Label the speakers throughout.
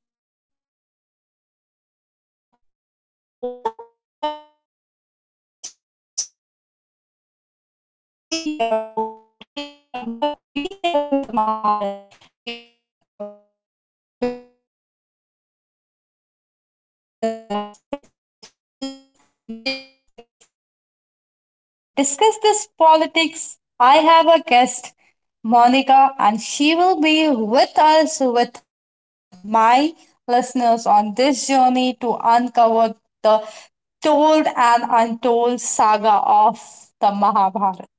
Speaker 1: Good morning and hello, everyone. Welcome to a podcast where mythology meets reality. I am Shalvi, your host, and today we are not retelling the Mahabharata, we are uncovering it. Because this epic isn't just about gods and wars, it's about humans, mistakes, politics, and power. And to discuss this politics, I have a guest, Monica, and she will be with us with my listeners on this journey to uncover the told and untold saga of the Mahabharata.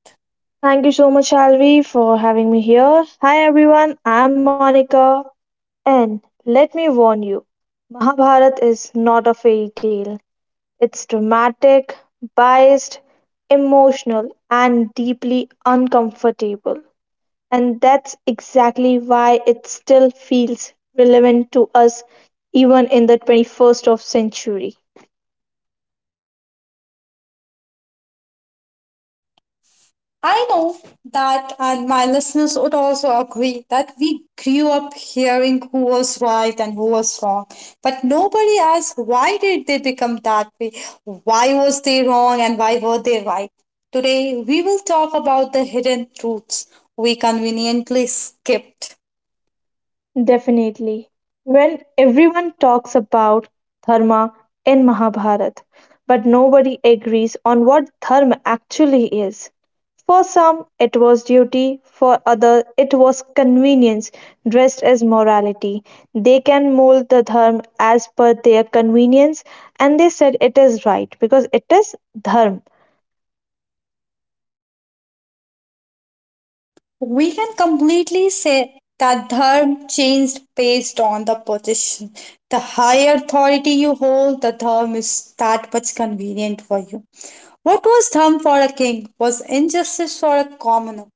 Speaker 2: Thank you so much, Alvi, for having me here. Hi, everyone. I'm Monica. And let me warn you, Mahabharata is not a fairy tale. It's dramatic, biased, emotional, and deeply uncomfortable. And that's exactly why it still feels relevant to us even in the 21st of century.
Speaker 1: I know that, and my listeners would also agree, that we grew up hearing who was right and who was wrong. But nobody asked why did they become that way? Why was they wrong and why were they right? Today, we will talk about the hidden truths we conveniently skipped.
Speaker 2: Definitely. When everyone talks about dharma in Mahabharata, but nobody agrees on what dharma actually is. For some, it was duty, for others, it was convenience dressed as morality. They can mold the dharma as per their convenience, and they said it is right because it is dharma.
Speaker 1: We can completely say that dharma changed based on the position. The higher authority you hold, the dharma is that much convenient for you. What was dharma for a king was injustice for a commoner.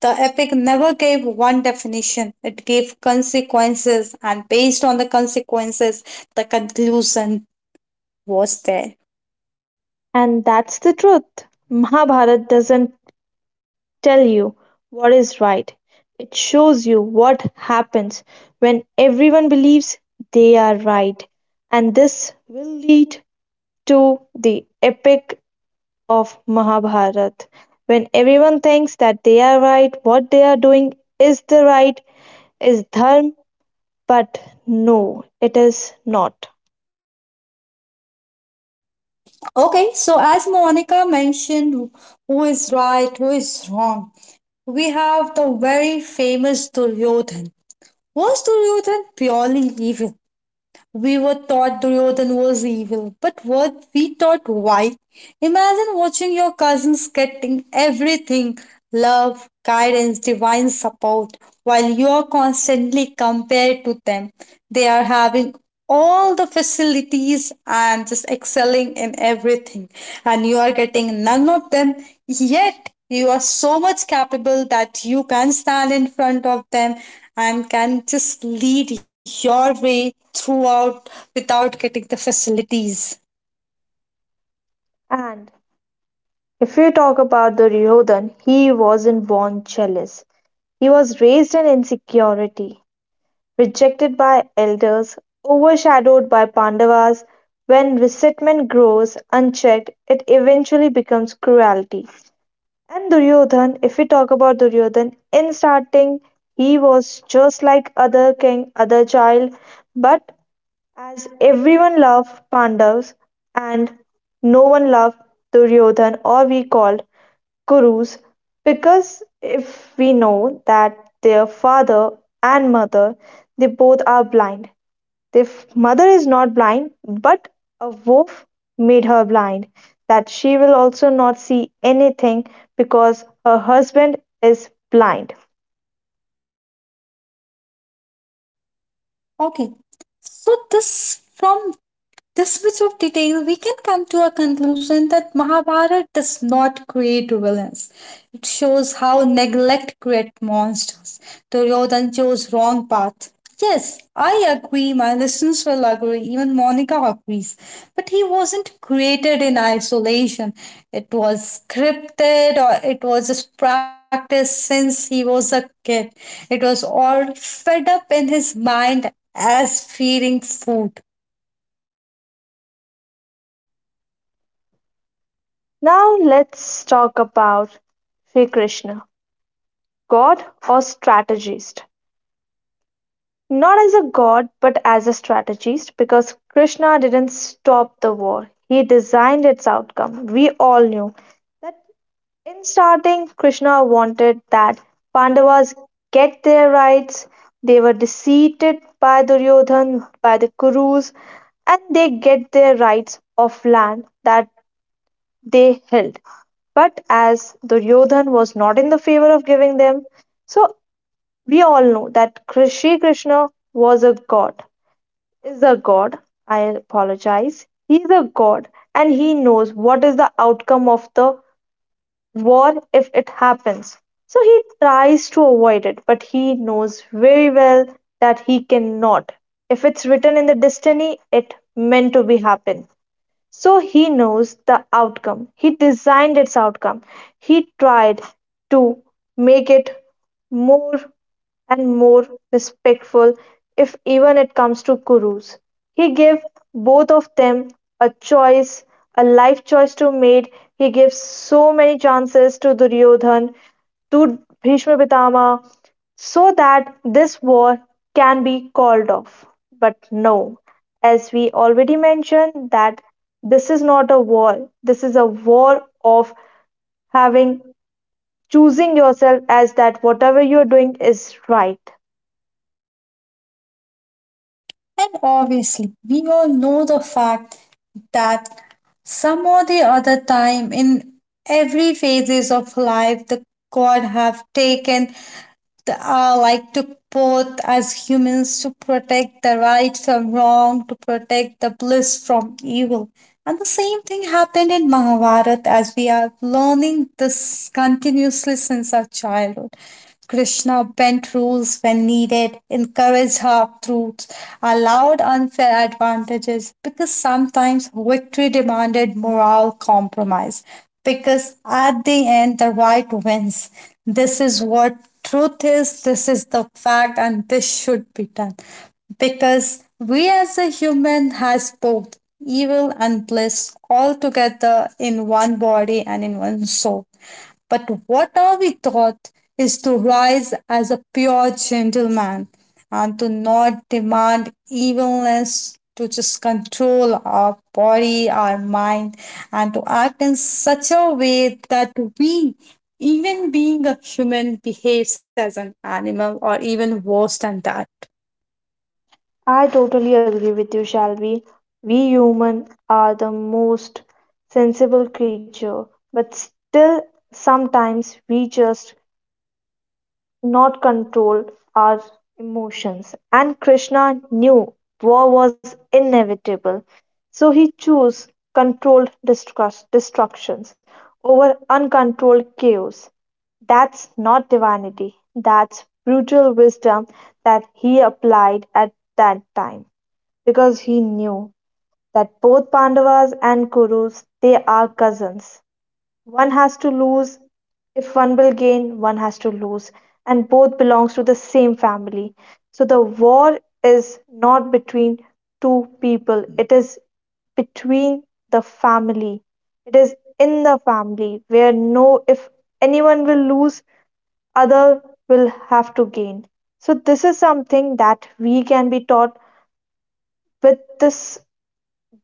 Speaker 1: The epic never gave one definition, it gave consequences, and based on the consequences, the conclusion was there.
Speaker 2: And that's the truth. Mahabharata doesn't tell you what is right. It shows you what happens when everyone believes they are right. And this will lead to the epic of Mahabharata. When everyone thinks that they are right, what they are doing is the right, is dharma, but no, it is not.
Speaker 1: Okay, so as Monica mentioned, who is right, who is wrong? We have the very famous Duryodhan. Was Duryodhan purely evil? We were taught Duryodhan was evil, but were we taught why? Imagine watching your cousins getting everything: love, guidance, divine support, while you are constantly compared to them. They are having all the facilities and just excelling in everything, and you are getting none of them, yet you are so much capable that you can stand in front of them and can just lead your way throughout without getting the facilities.
Speaker 2: And if we talk about the Duryodhan, he wasn't born jealous. He was raised in insecurity. Rejected by elders, overshadowed by Pandavas, when resentment grows unchecked, it eventually becomes cruelty. And Duryodhan, if we talk about Duryodhan, in starting he was just like other king, other child, but as everyone loved Pandavas and no one loved Duryodhan or we called gurus. Because if we know that their father and mother, they both are blind. Their mother is not blind, but a wolf made her blind, that she will also not see anything because her husband is blind.
Speaker 1: Okay, so this from this much of detail, we can come to a conclusion that Mahabharata does not create villains. It shows how neglect creates monsters. Duryodhan chose wrong path. Yes, I agree. My listeners will agree. Even Monica agrees. But he wasn't created in isolation. It was scripted or it was just practiced since he was a kid. It was all fed up in his mind as feeding food.
Speaker 2: Now let's talk about Sri Krishna, god or strategist. Not as a god but as a strategist, because Krishna didn't stop the war, he designed its outcome. We all knew that in starting, Krishna wanted that Pandavas get their rights. They were defeated by Duryodhan, by the Kurus, and they get their rights of land that they held. But as Duryodhan was not in the favor of giving them, so we all know that Shri Krishna was a god is a god. I apologize. He is a god, and he knows what is the outcome of the war if it happens. So he tries to avoid it, but he knows very well that he cannot. If it's written in the destiny, it meant to be happen. So he knows the outcome. He designed its outcome. He tried to make it more and more respectful, if even it comes to gurus. He gave both of them a choice, a life choice to made. He gives so many chances to Duryodhan, to Bhishma Pitama, so that this war can be called off. But no, as we already mentioned, that this is not a war, this is a war of having choosing yourself as that whatever you're doing is right.
Speaker 1: And obviously, we all know the fact that some or the other time in every phases of life the god have taken like took both as humans to protect the right from wrong, to protect the bliss from evil. And the same thing happened in Mahabharata as we are learning this continuously since our childhood. Krishna bent rules when needed, encouraged half truths, allowed unfair advantages because sometimes victory demanded moral compromise because at the end, the right wins. This is what truth is, this is the fact, and this should be done. Because we as a human has both evil and bliss all together in one body and in one soul. But what are we taught is to rise as a pure gentleman and to not demand evilness, to just control our body, our mind, and to act in such a way that we, even being a human, behaves as an animal or even worse than that.
Speaker 2: I totally agree with you, Shalvi. We human are the most sensible creature, but still sometimes we just not control our emotions. And Krishna knew war was inevitable, so he chose controlled destructions over uncontrolled chaos. That's not divinity, that's brutal wisdom that he applied at that time, because he knew that both Pandavas and Kurus, they are cousins. One has to lose. If one will gain, one has to lose. And both belongs to the same family. So the war is not between two people. It is between the family. It is in the family where no, if anyone will lose, other will have to gain. So this is something that we can be taught with this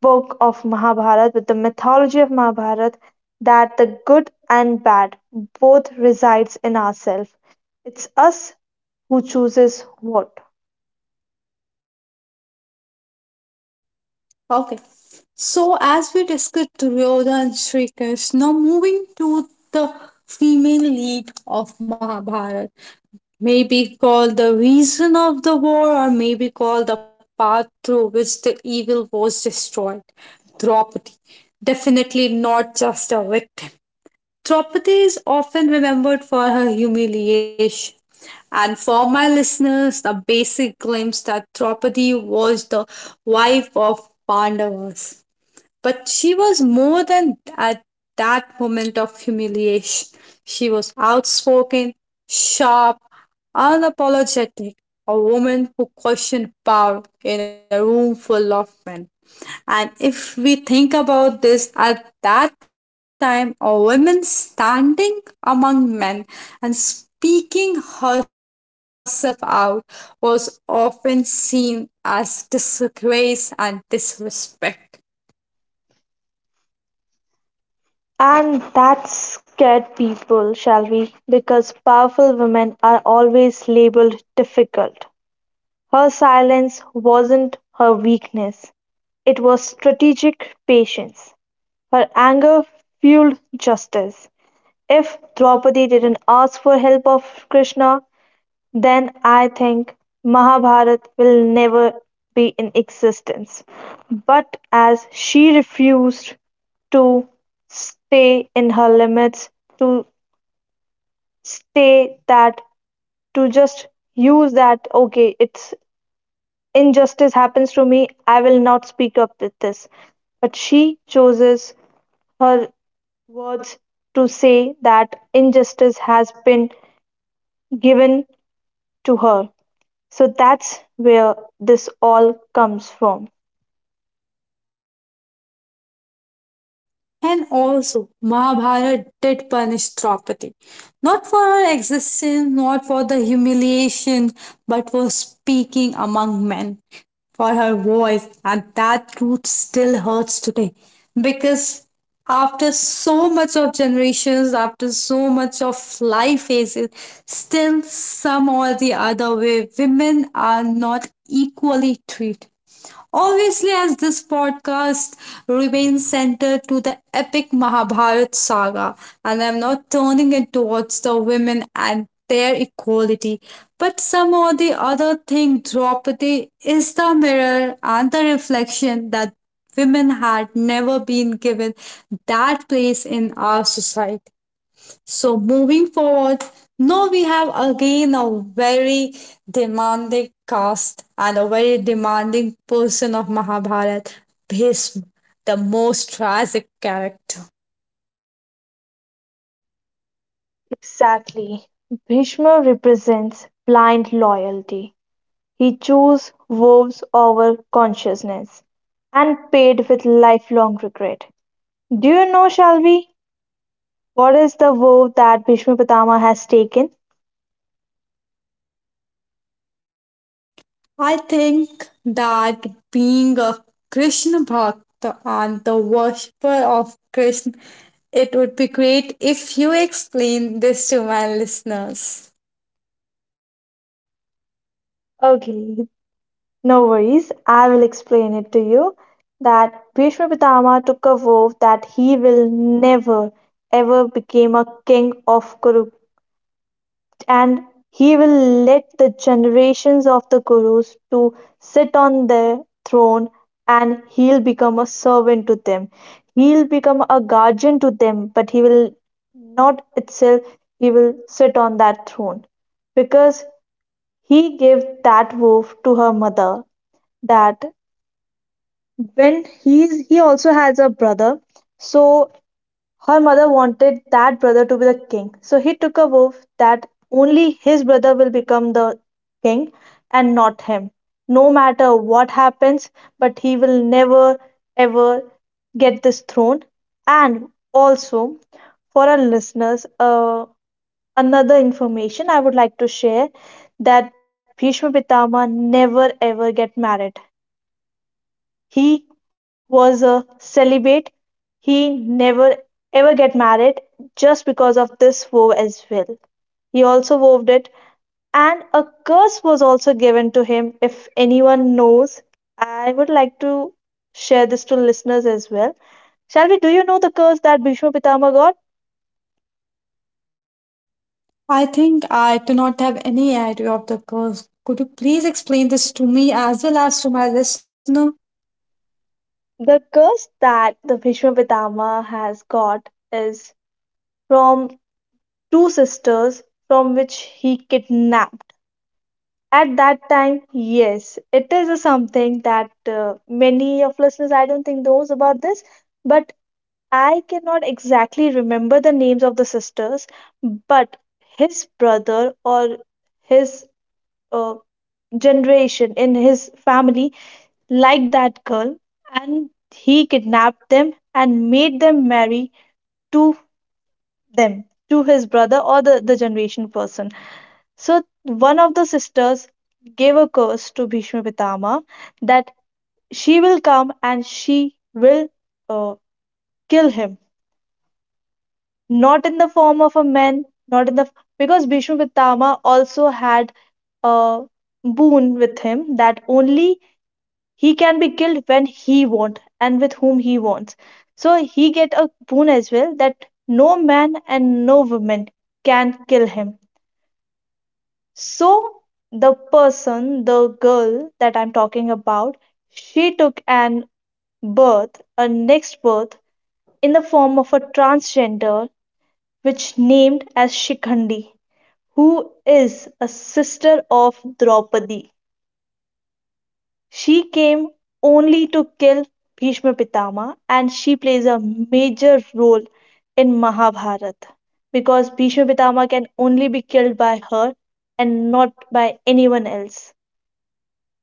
Speaker 2: book of Mahabharata, with the mythology of Mahabharata, that the good and bad both resides in ourselves. It's us who chooses what.
Speaker 1: Okay. So, as we discussed Duryodhana and Shri Krishna, moving to the female lead of Mahabharata, maybe called the reason of the war, or maybe called the path through which the evil was destroyed. Draupadi, definitely not just a victim. Draupadi is often remembered for her humiliation. And for my listeners, the basic glimpse that Draupadi was the wife of Pandavas. But she was more than at that moment of humiliation. She was outspoken, sharp, unapologetic, a woman who questioned power in a room full of men. And if we think about this at that time, a woman standing among men and speaking herself out was often seen as disgrace and disrespect.
Speaker 2: And that scared people, shall we? Because powerful women are always labeled difficult. Her silence wasn't her weakness, it was strategic patience. Her anger fueled justice. If Draupadi didn't ask for help of Krishna, then I think Mahabharat will never be in existence. But as she refused to stay in her limits, to stay that, to just use that, okay, it's injustice happens to me, I will not speak up with this. But she chooses her words to say that injustice has been given to her. So that's where this all comes from.
Speaker 1: And also, Mahabharata did punish Draupadi, not for her existence, not for the humiliation, but for speaking among men, for her voice, and that truth still hurts today. Because after so much of generations, after so much of life phases, still some or the other way, women are not equally treated. Obviously, as this podcast remains centered to the epic Mahabharat saga, and I'm not turning it towards the women and their equality, but somehow the other thing, Draupadi is the mirror and the reflection that women had never been given that place in our society. So moving forward, now we have again a very demanding cast and a very demanding person of Mahabharat, Bhishma, the most tragic character.
Speaker 2: Exactly. Bhishma represents blind loyalty. He chose wolves over consciousness and paid with lifelong regret. Do you know, Shalvi, what is the vow that Bhishma Pitama has taken?
Speaker 1: I think that being a Krishna Bhakta and the worshipper of Krishna, it would be great if you explain this to my listeners.
Speaker 2: Okay, no worries. I will explain it to you. That Bhishma Pitama took a vow that he will never ever become a king of Kuru. And he will let the generations of the gurus to sit on their throne, and he'll become a servant to them. He'll become a guardian to them, but he will not itself, he will sit on that throne. Because he gave that wolf to her mother, that when he also has a brother, so her mother wanted that brother to be the king, so he took a vow that only his brother will become the king and not him. No matter what happens, but he will never ever get this throne. And also, for our listeners, another information I would like to share, that Bhishma Pitama never ever get married. He was a celibate. He never ever get married just because of this vow as well. He also vowed it, and a curse was also given to him. If anyone knows, I would like to share this to listeners as well. Shall we? Do you know the curse that Bhishma Pitama got?
Speaker 1: I think I do not have any idea of the course. Could you please explain this to me as well as to my listener?
Speaker 2: The curse that the Bhishma Pitama has got is from two sisters from which he kidnapped. At that time, yes, it is a something that many of listeners I don't think knows about this, but I cannot exactly remember the names of the sisters, but his brother or his uh, generation in his family liked that girl, and he kidnapped them and made them marry to them, to his brother or the generation person. So one of the sisters gave a curse to Bhishma Pitama that she will come and she will uh, kill him. Not in the form of a man, not in the, because Bhishma Pitama also had a boon with him, that only he can be killed when he wants and with whom he wants. So he get a boon as well that no man and no woman can kill him. So the person, the girl that I'm talking about, she took an birth, a next birth, in the form of a transgender, which named as Shikhandi, who is a sister of Draupadi. She came only to kill Bhishma Pitama, and she plays a major role in Mahabharata, because Bhishma Pitama can only be killed by her and not by anyone else.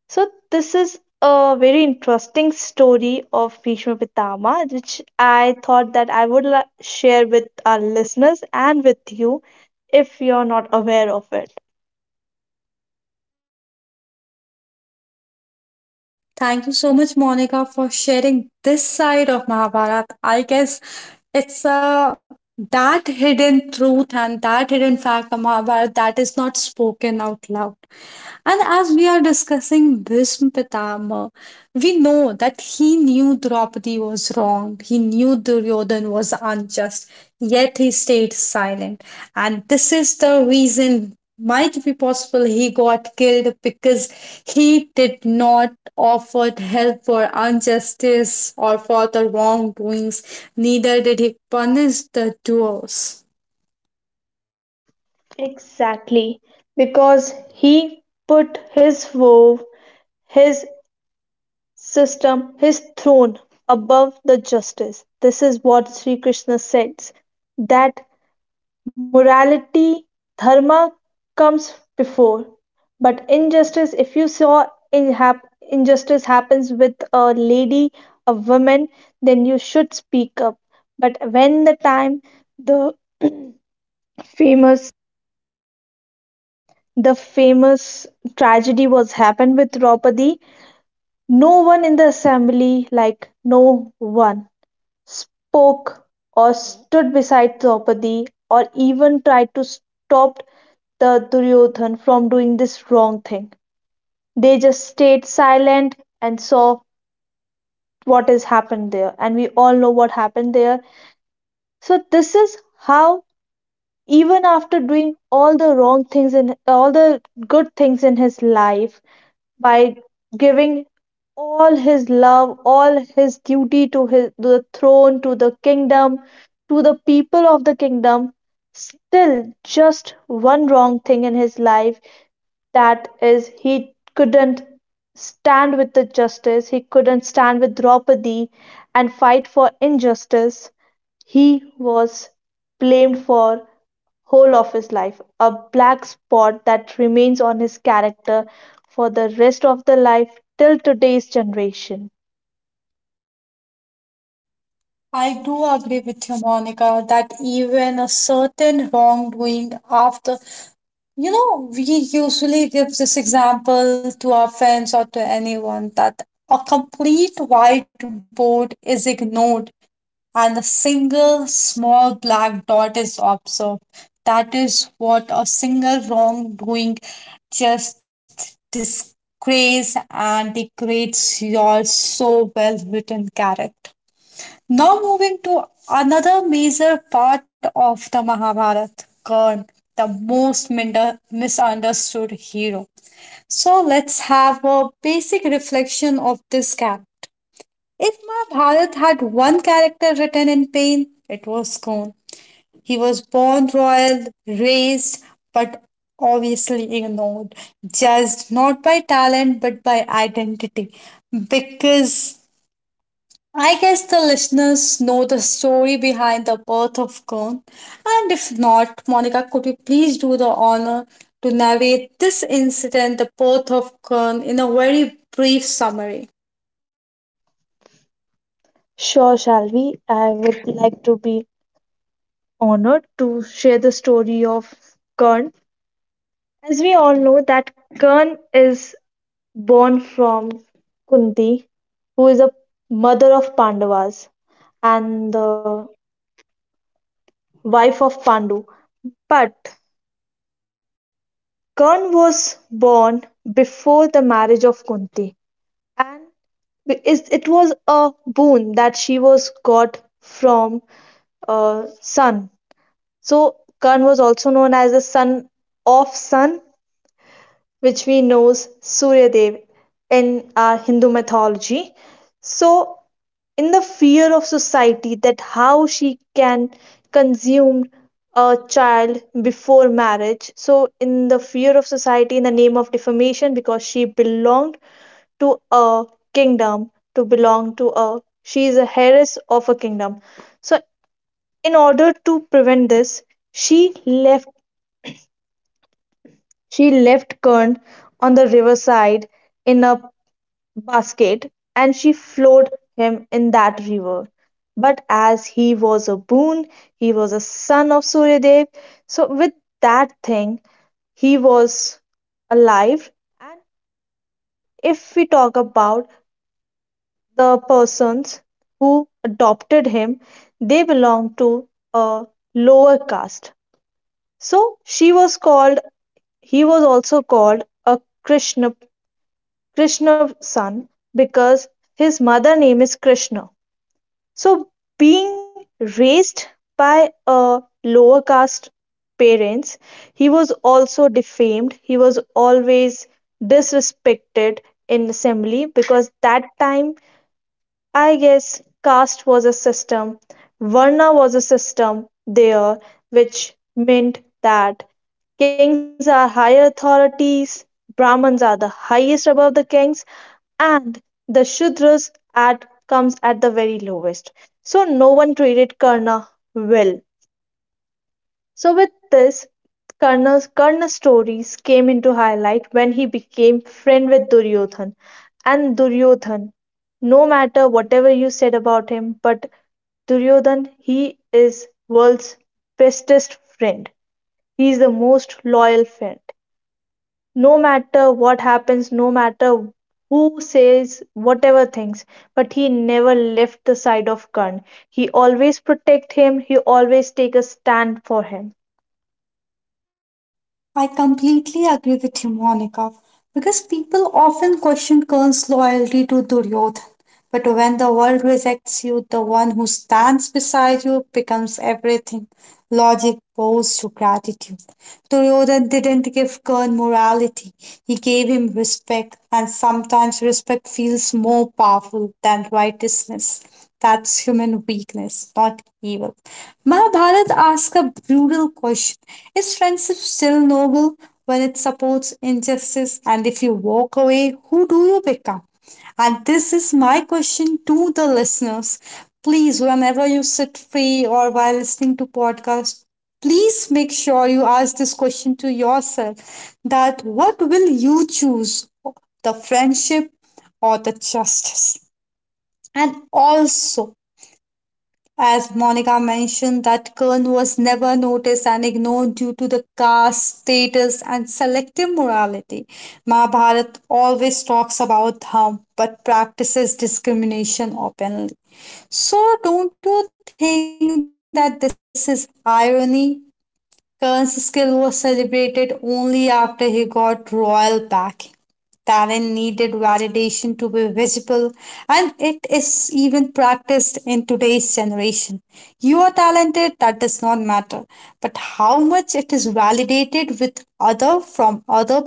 Speaker 2: So this is a very interesting story of Bhishma Pitama, which I thought that I would share with our listeners and with you, if you're not aware of it.
Speaker 1: Thank you so much, Monica, for sharing this side of Mahabharata. I guess it's a that hidden truth and that hidden fact of Mahabharata that is not spoken out loud. And as we are discussing Bhishma Pitama, we know that he knew Draupadi was wrong, he knew Duryodhan was unjust, yet he stayed silent. And this is the reason might be possible he got killed because he did not offer help for injustice or for the wrongdoings, neither did he punish the doers.
Speaker 2: Exactly, because he put his vow, his system, his throne above the justice. This is what Sri Krishna says, that morality, dharma comes before. But injustice, if you saw injustice happens with a lady, a woman, then you should speak up. But when the time the famous, the famous tragedy was happened with Draupadi, no one in the assembly, like no one spoke or stood beside Draupadi or even tried to stop the Duryodhan from doing this wrong thing. They just stayed silent and saw what has happened there. And we all know what happened there. So this is how, even after doing all the wrong things and all the good things in his life, by giving all his love, all his duty to to the throne, to the kingdom, to the people of the kingdom, still just one wrong thing in his life, that is he couldn't stand with the justice, he couldn't stand with Draupadi and fight for injustice. He was blamed for whole of his life, a black spot that remains on his character for the rest of the life till today's generation.
Speaker 1: I do agree with you, Monica, that even a certain wrongdoing after, we usually give this example to our friends or to anyone that a complete whiteboard is ignored and a single small black dot is observed. That is what a single wrongdoing just disgrace and degrades your so well written character. Now moving to another major part of the Mahabharata, Karna, the most misunderstood hero. So let's have a basic reflection of this character. If Mahabharata had one character written in pain, it was Karna. He was born royal, raised, but obviously ignored, judged not by talent but by identity, because I guess the listeners know the story behind the birth of Kern. And if not, Monica, could you please do the honor to narrate this incident, the birth of Kern, in a very brief summary?
Speaker 2: Sure, shall we? I would like to be honored to share the story of Kern. As we all know that Kern is born from Kunti, who is a mother of Pandavas and the wife of Pandu. But Kern was born before the marriage of Kunti, and because it was a boon that she was got from Sun. So Karna was also known as the son of Sun, which we know as Surya Dev in our Hindu mythology. So in the fear of society that how she can consume a child before marriage, so in the fear of society, in the name of defamation, because she belonged to a kingdom, to belong to a she is a heiress of a kingdom. So in order to prevent this, she left she left Kern on the riverside in a basket, and she flowed him in that river. But as he was a boon, he was a son of Suryadev. So with that thing, he was alive. And if we talk about the persons who adopted him, they belonged to a lower caste. So she was called he was also called a krishna krishna son, because his mother name is Krishna. So being raised by a lower caste parents, he was also defamed. He was always disrespected in assembly, because that time I guess caste was a system, Varna was a system there, which meant that kings are higher authorities, Brahmins are the highest above the kings, and the Shudras at comes at the very lowest. So no one treated Karna well. So with this, Karna's stories came into highlight when he became friend with Duryodhan. And Duryodhan, no matter whatever you said about him, but Duryodhan, he is world's bestest friend. He is the most loyal friend. No matter what happens, no matter who says whatever things, but he never left the side of Karna. He always protect him. He always take a stand for him.
Speaker 1: I completely agree with you, Monica, because people often question Kern's loyalty to Duryodhan. But when the world rejects you, the one who stands beside you becomes everything. Logic bows to gratitude. Duryodhan didn't give Kern morality, he gave him respect, and sometimes respect feels more powerful than righteousness. That's human weakness, not evil. Mahabharata asks a brutal question: is friendship still noble when it supports injustice? And if you walk away, who do you become? And this is my question to the listeners. Please, whenever you sit free or while listening to podcast, please make sure you ask this question to yourself, that what will you choose, the friendship or the justice? And also, as Monica mentioned, that Kern was never noticed and ignored due to the caste status and selective morality. Mahabharata always talks about them but practices discrimination openly. So, don't you think that this is irony? Kern's skill was celebrated only after he got royal backing. Talent needed validation to be visible, and it is even practiced in today's generation. You are talented, that does not matter, but how much it is validated with other from other people from the crowd,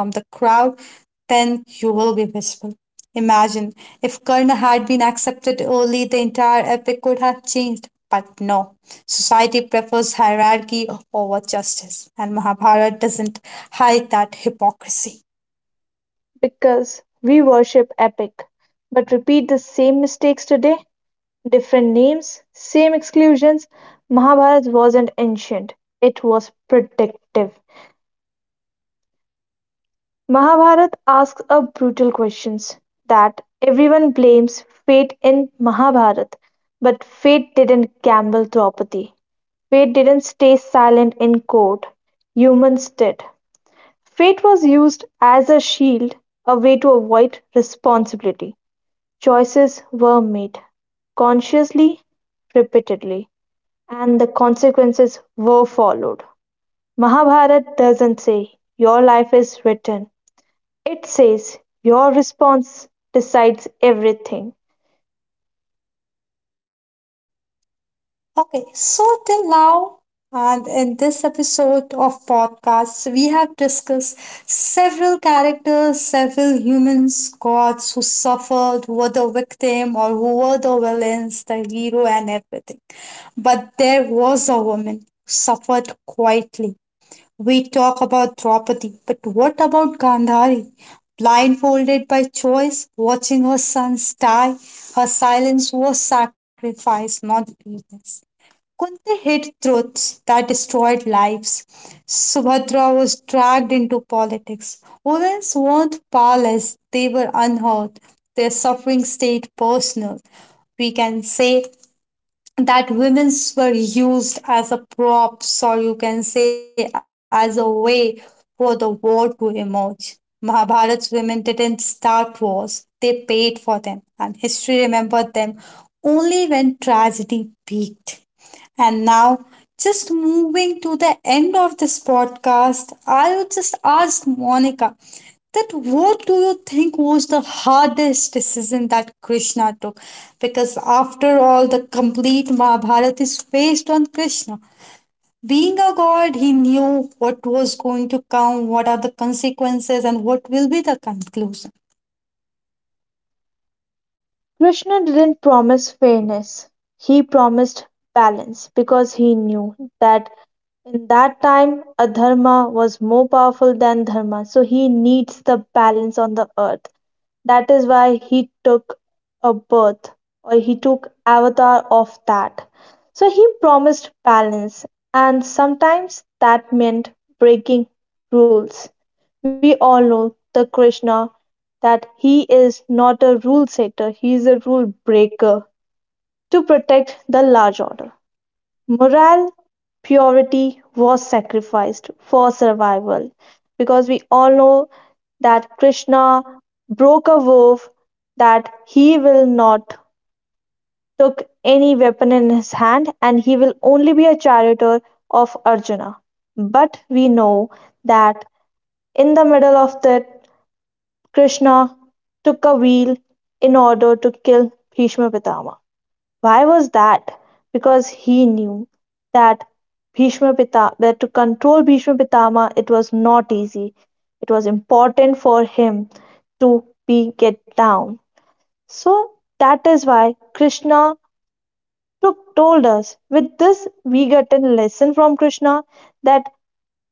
Speaker 1: then you will be visible. Imagine if Kern had been accepted early, the entire epic could have changed. But no, society prefers hierarchy over justice, and Mahabharata doesn't hide that hypocrisy.
Speaker 2: Because we worship Epic, but repeat the same mistakes today. Different names, same exclusions. Mahabharata wasn't ancient, it was predictive. Mahabharata asks a brutal questions that everyone blames fate in Mahabharata, but fate didn't gamble Draupadi. Fate didn't stay silent in court. Humans did. Fate was used as a shield, a way to avoid responsibility. Choices were made, consciously, repeatedly, and the consequences were followed. Mahabharata doesn't say your life is written, it says your response decides everything.
Speaker 1: Okay, so till now, and in this episode of podcast, we have discussed several characters, several humans, gods who suffered, who were the victim, or who were the villains, the hero, and everything. But there was a woman suffered quietly. We talk about Draupadi, but what about Gandhari? Blindfolded by choice, watching her sons die, her silence was sacrifice, not weakness. Kunti hid truths that destroyed lives. Subhadra was dragged into politics. Women's weren't powerless, they were unheard. Their suffering stayed personal. We can say that women's were used as a props or you can say as a way for the war to emerge. Mahabharat's women didn't start wars, they paid for them, and history remembered them only when tragedy peaked. And now, just moving to the end of this podcast, I would just ask Monica that what do you think was the hardest decision that Krishna took? Because after all, the complete Mahabharata is based on Krishna. Being a god, he knew what was going to come, what are the consequences, and what will be the conclusion.
Speaker 2: Krishna didn't promise fairness, he promised balance, because he knew that in that time, adharma was more powerful than dharma, so he needs the balance on the earth. That is why he took a birth, or he took avatar of that. So he promised balance, and sometimes that meant breaking rules. We all know the Krishna, that he is not a rule setter, he is a rule breaker to protect the large order. Moral purity was sacrificed for survival, because we all know that Krishna broke a vow that he will not took any weapon in his hand and he will only be a charioteer of Arjuna. But we know that in the middle of that, Krishna took a wheel in order to kill Bhishma Pitama. Why was that? Because he knew that that to control Bhishma Pitama it was not easy. It was important for him to be get down. So that is why Krishna told us. With this, we get a lesson from Krishna that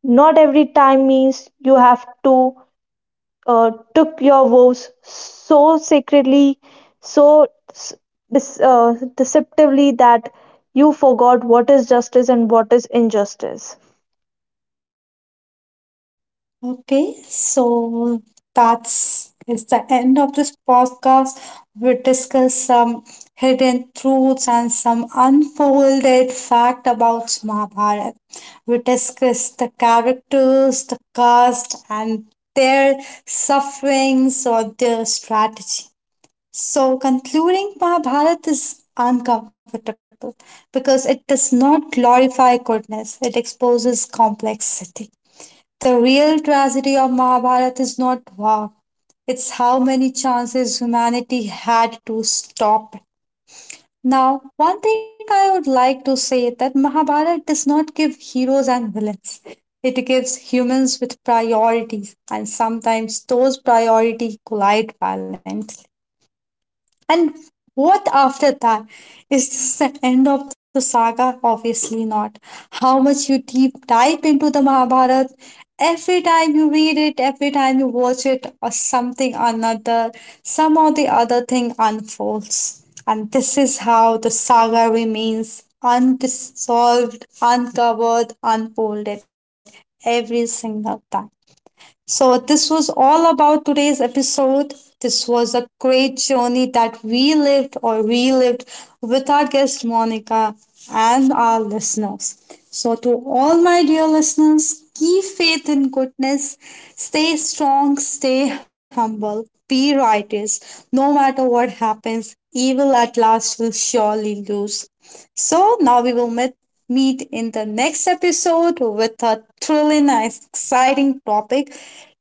Speaker 2: not every time means you have to took your vows so sacredly, so deceptively, that you forgot what is justice and what is injustice.
Speaker 1: Okay, so that's is the end of this podcast. We discuss some hidden truths and some unfolded fact about Mahabharata. We discuss the characters, the cast, and their sufferings or their strategy. So, concluding Mahabharata is uncomfortable because it does not glorify goodness, it exposes complexity. The real tragedy of Mahabharata is not war, it's how many chances humanity had to stop it. Now, one thing I would like to say that Mahabharata does not give heroes and villains. It gives humans with priorities, and sometimes those priorities collide violently. And what after that? Is this the end of the saga? Obviously not. How much you deep dive into the Mahabharata, every time you read it, every time you watch it, or something another, some or the other thing unfolds. And this is how the saga remains undissolved, uncovered, unfolded every single time. So, this was all about today's episode. This was a great journey that we lived or relived with our guest Monica and our listeners. So, to all my dear listeners, keep faith in goodness, stay strong, stay humble, be righteous. No matter what happens, evil at last will surely lose. So now we will meet in the next episode with a truly nice exciting topic.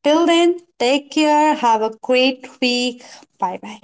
Speaker 1: Till then, take care, have a great week. Bye bye.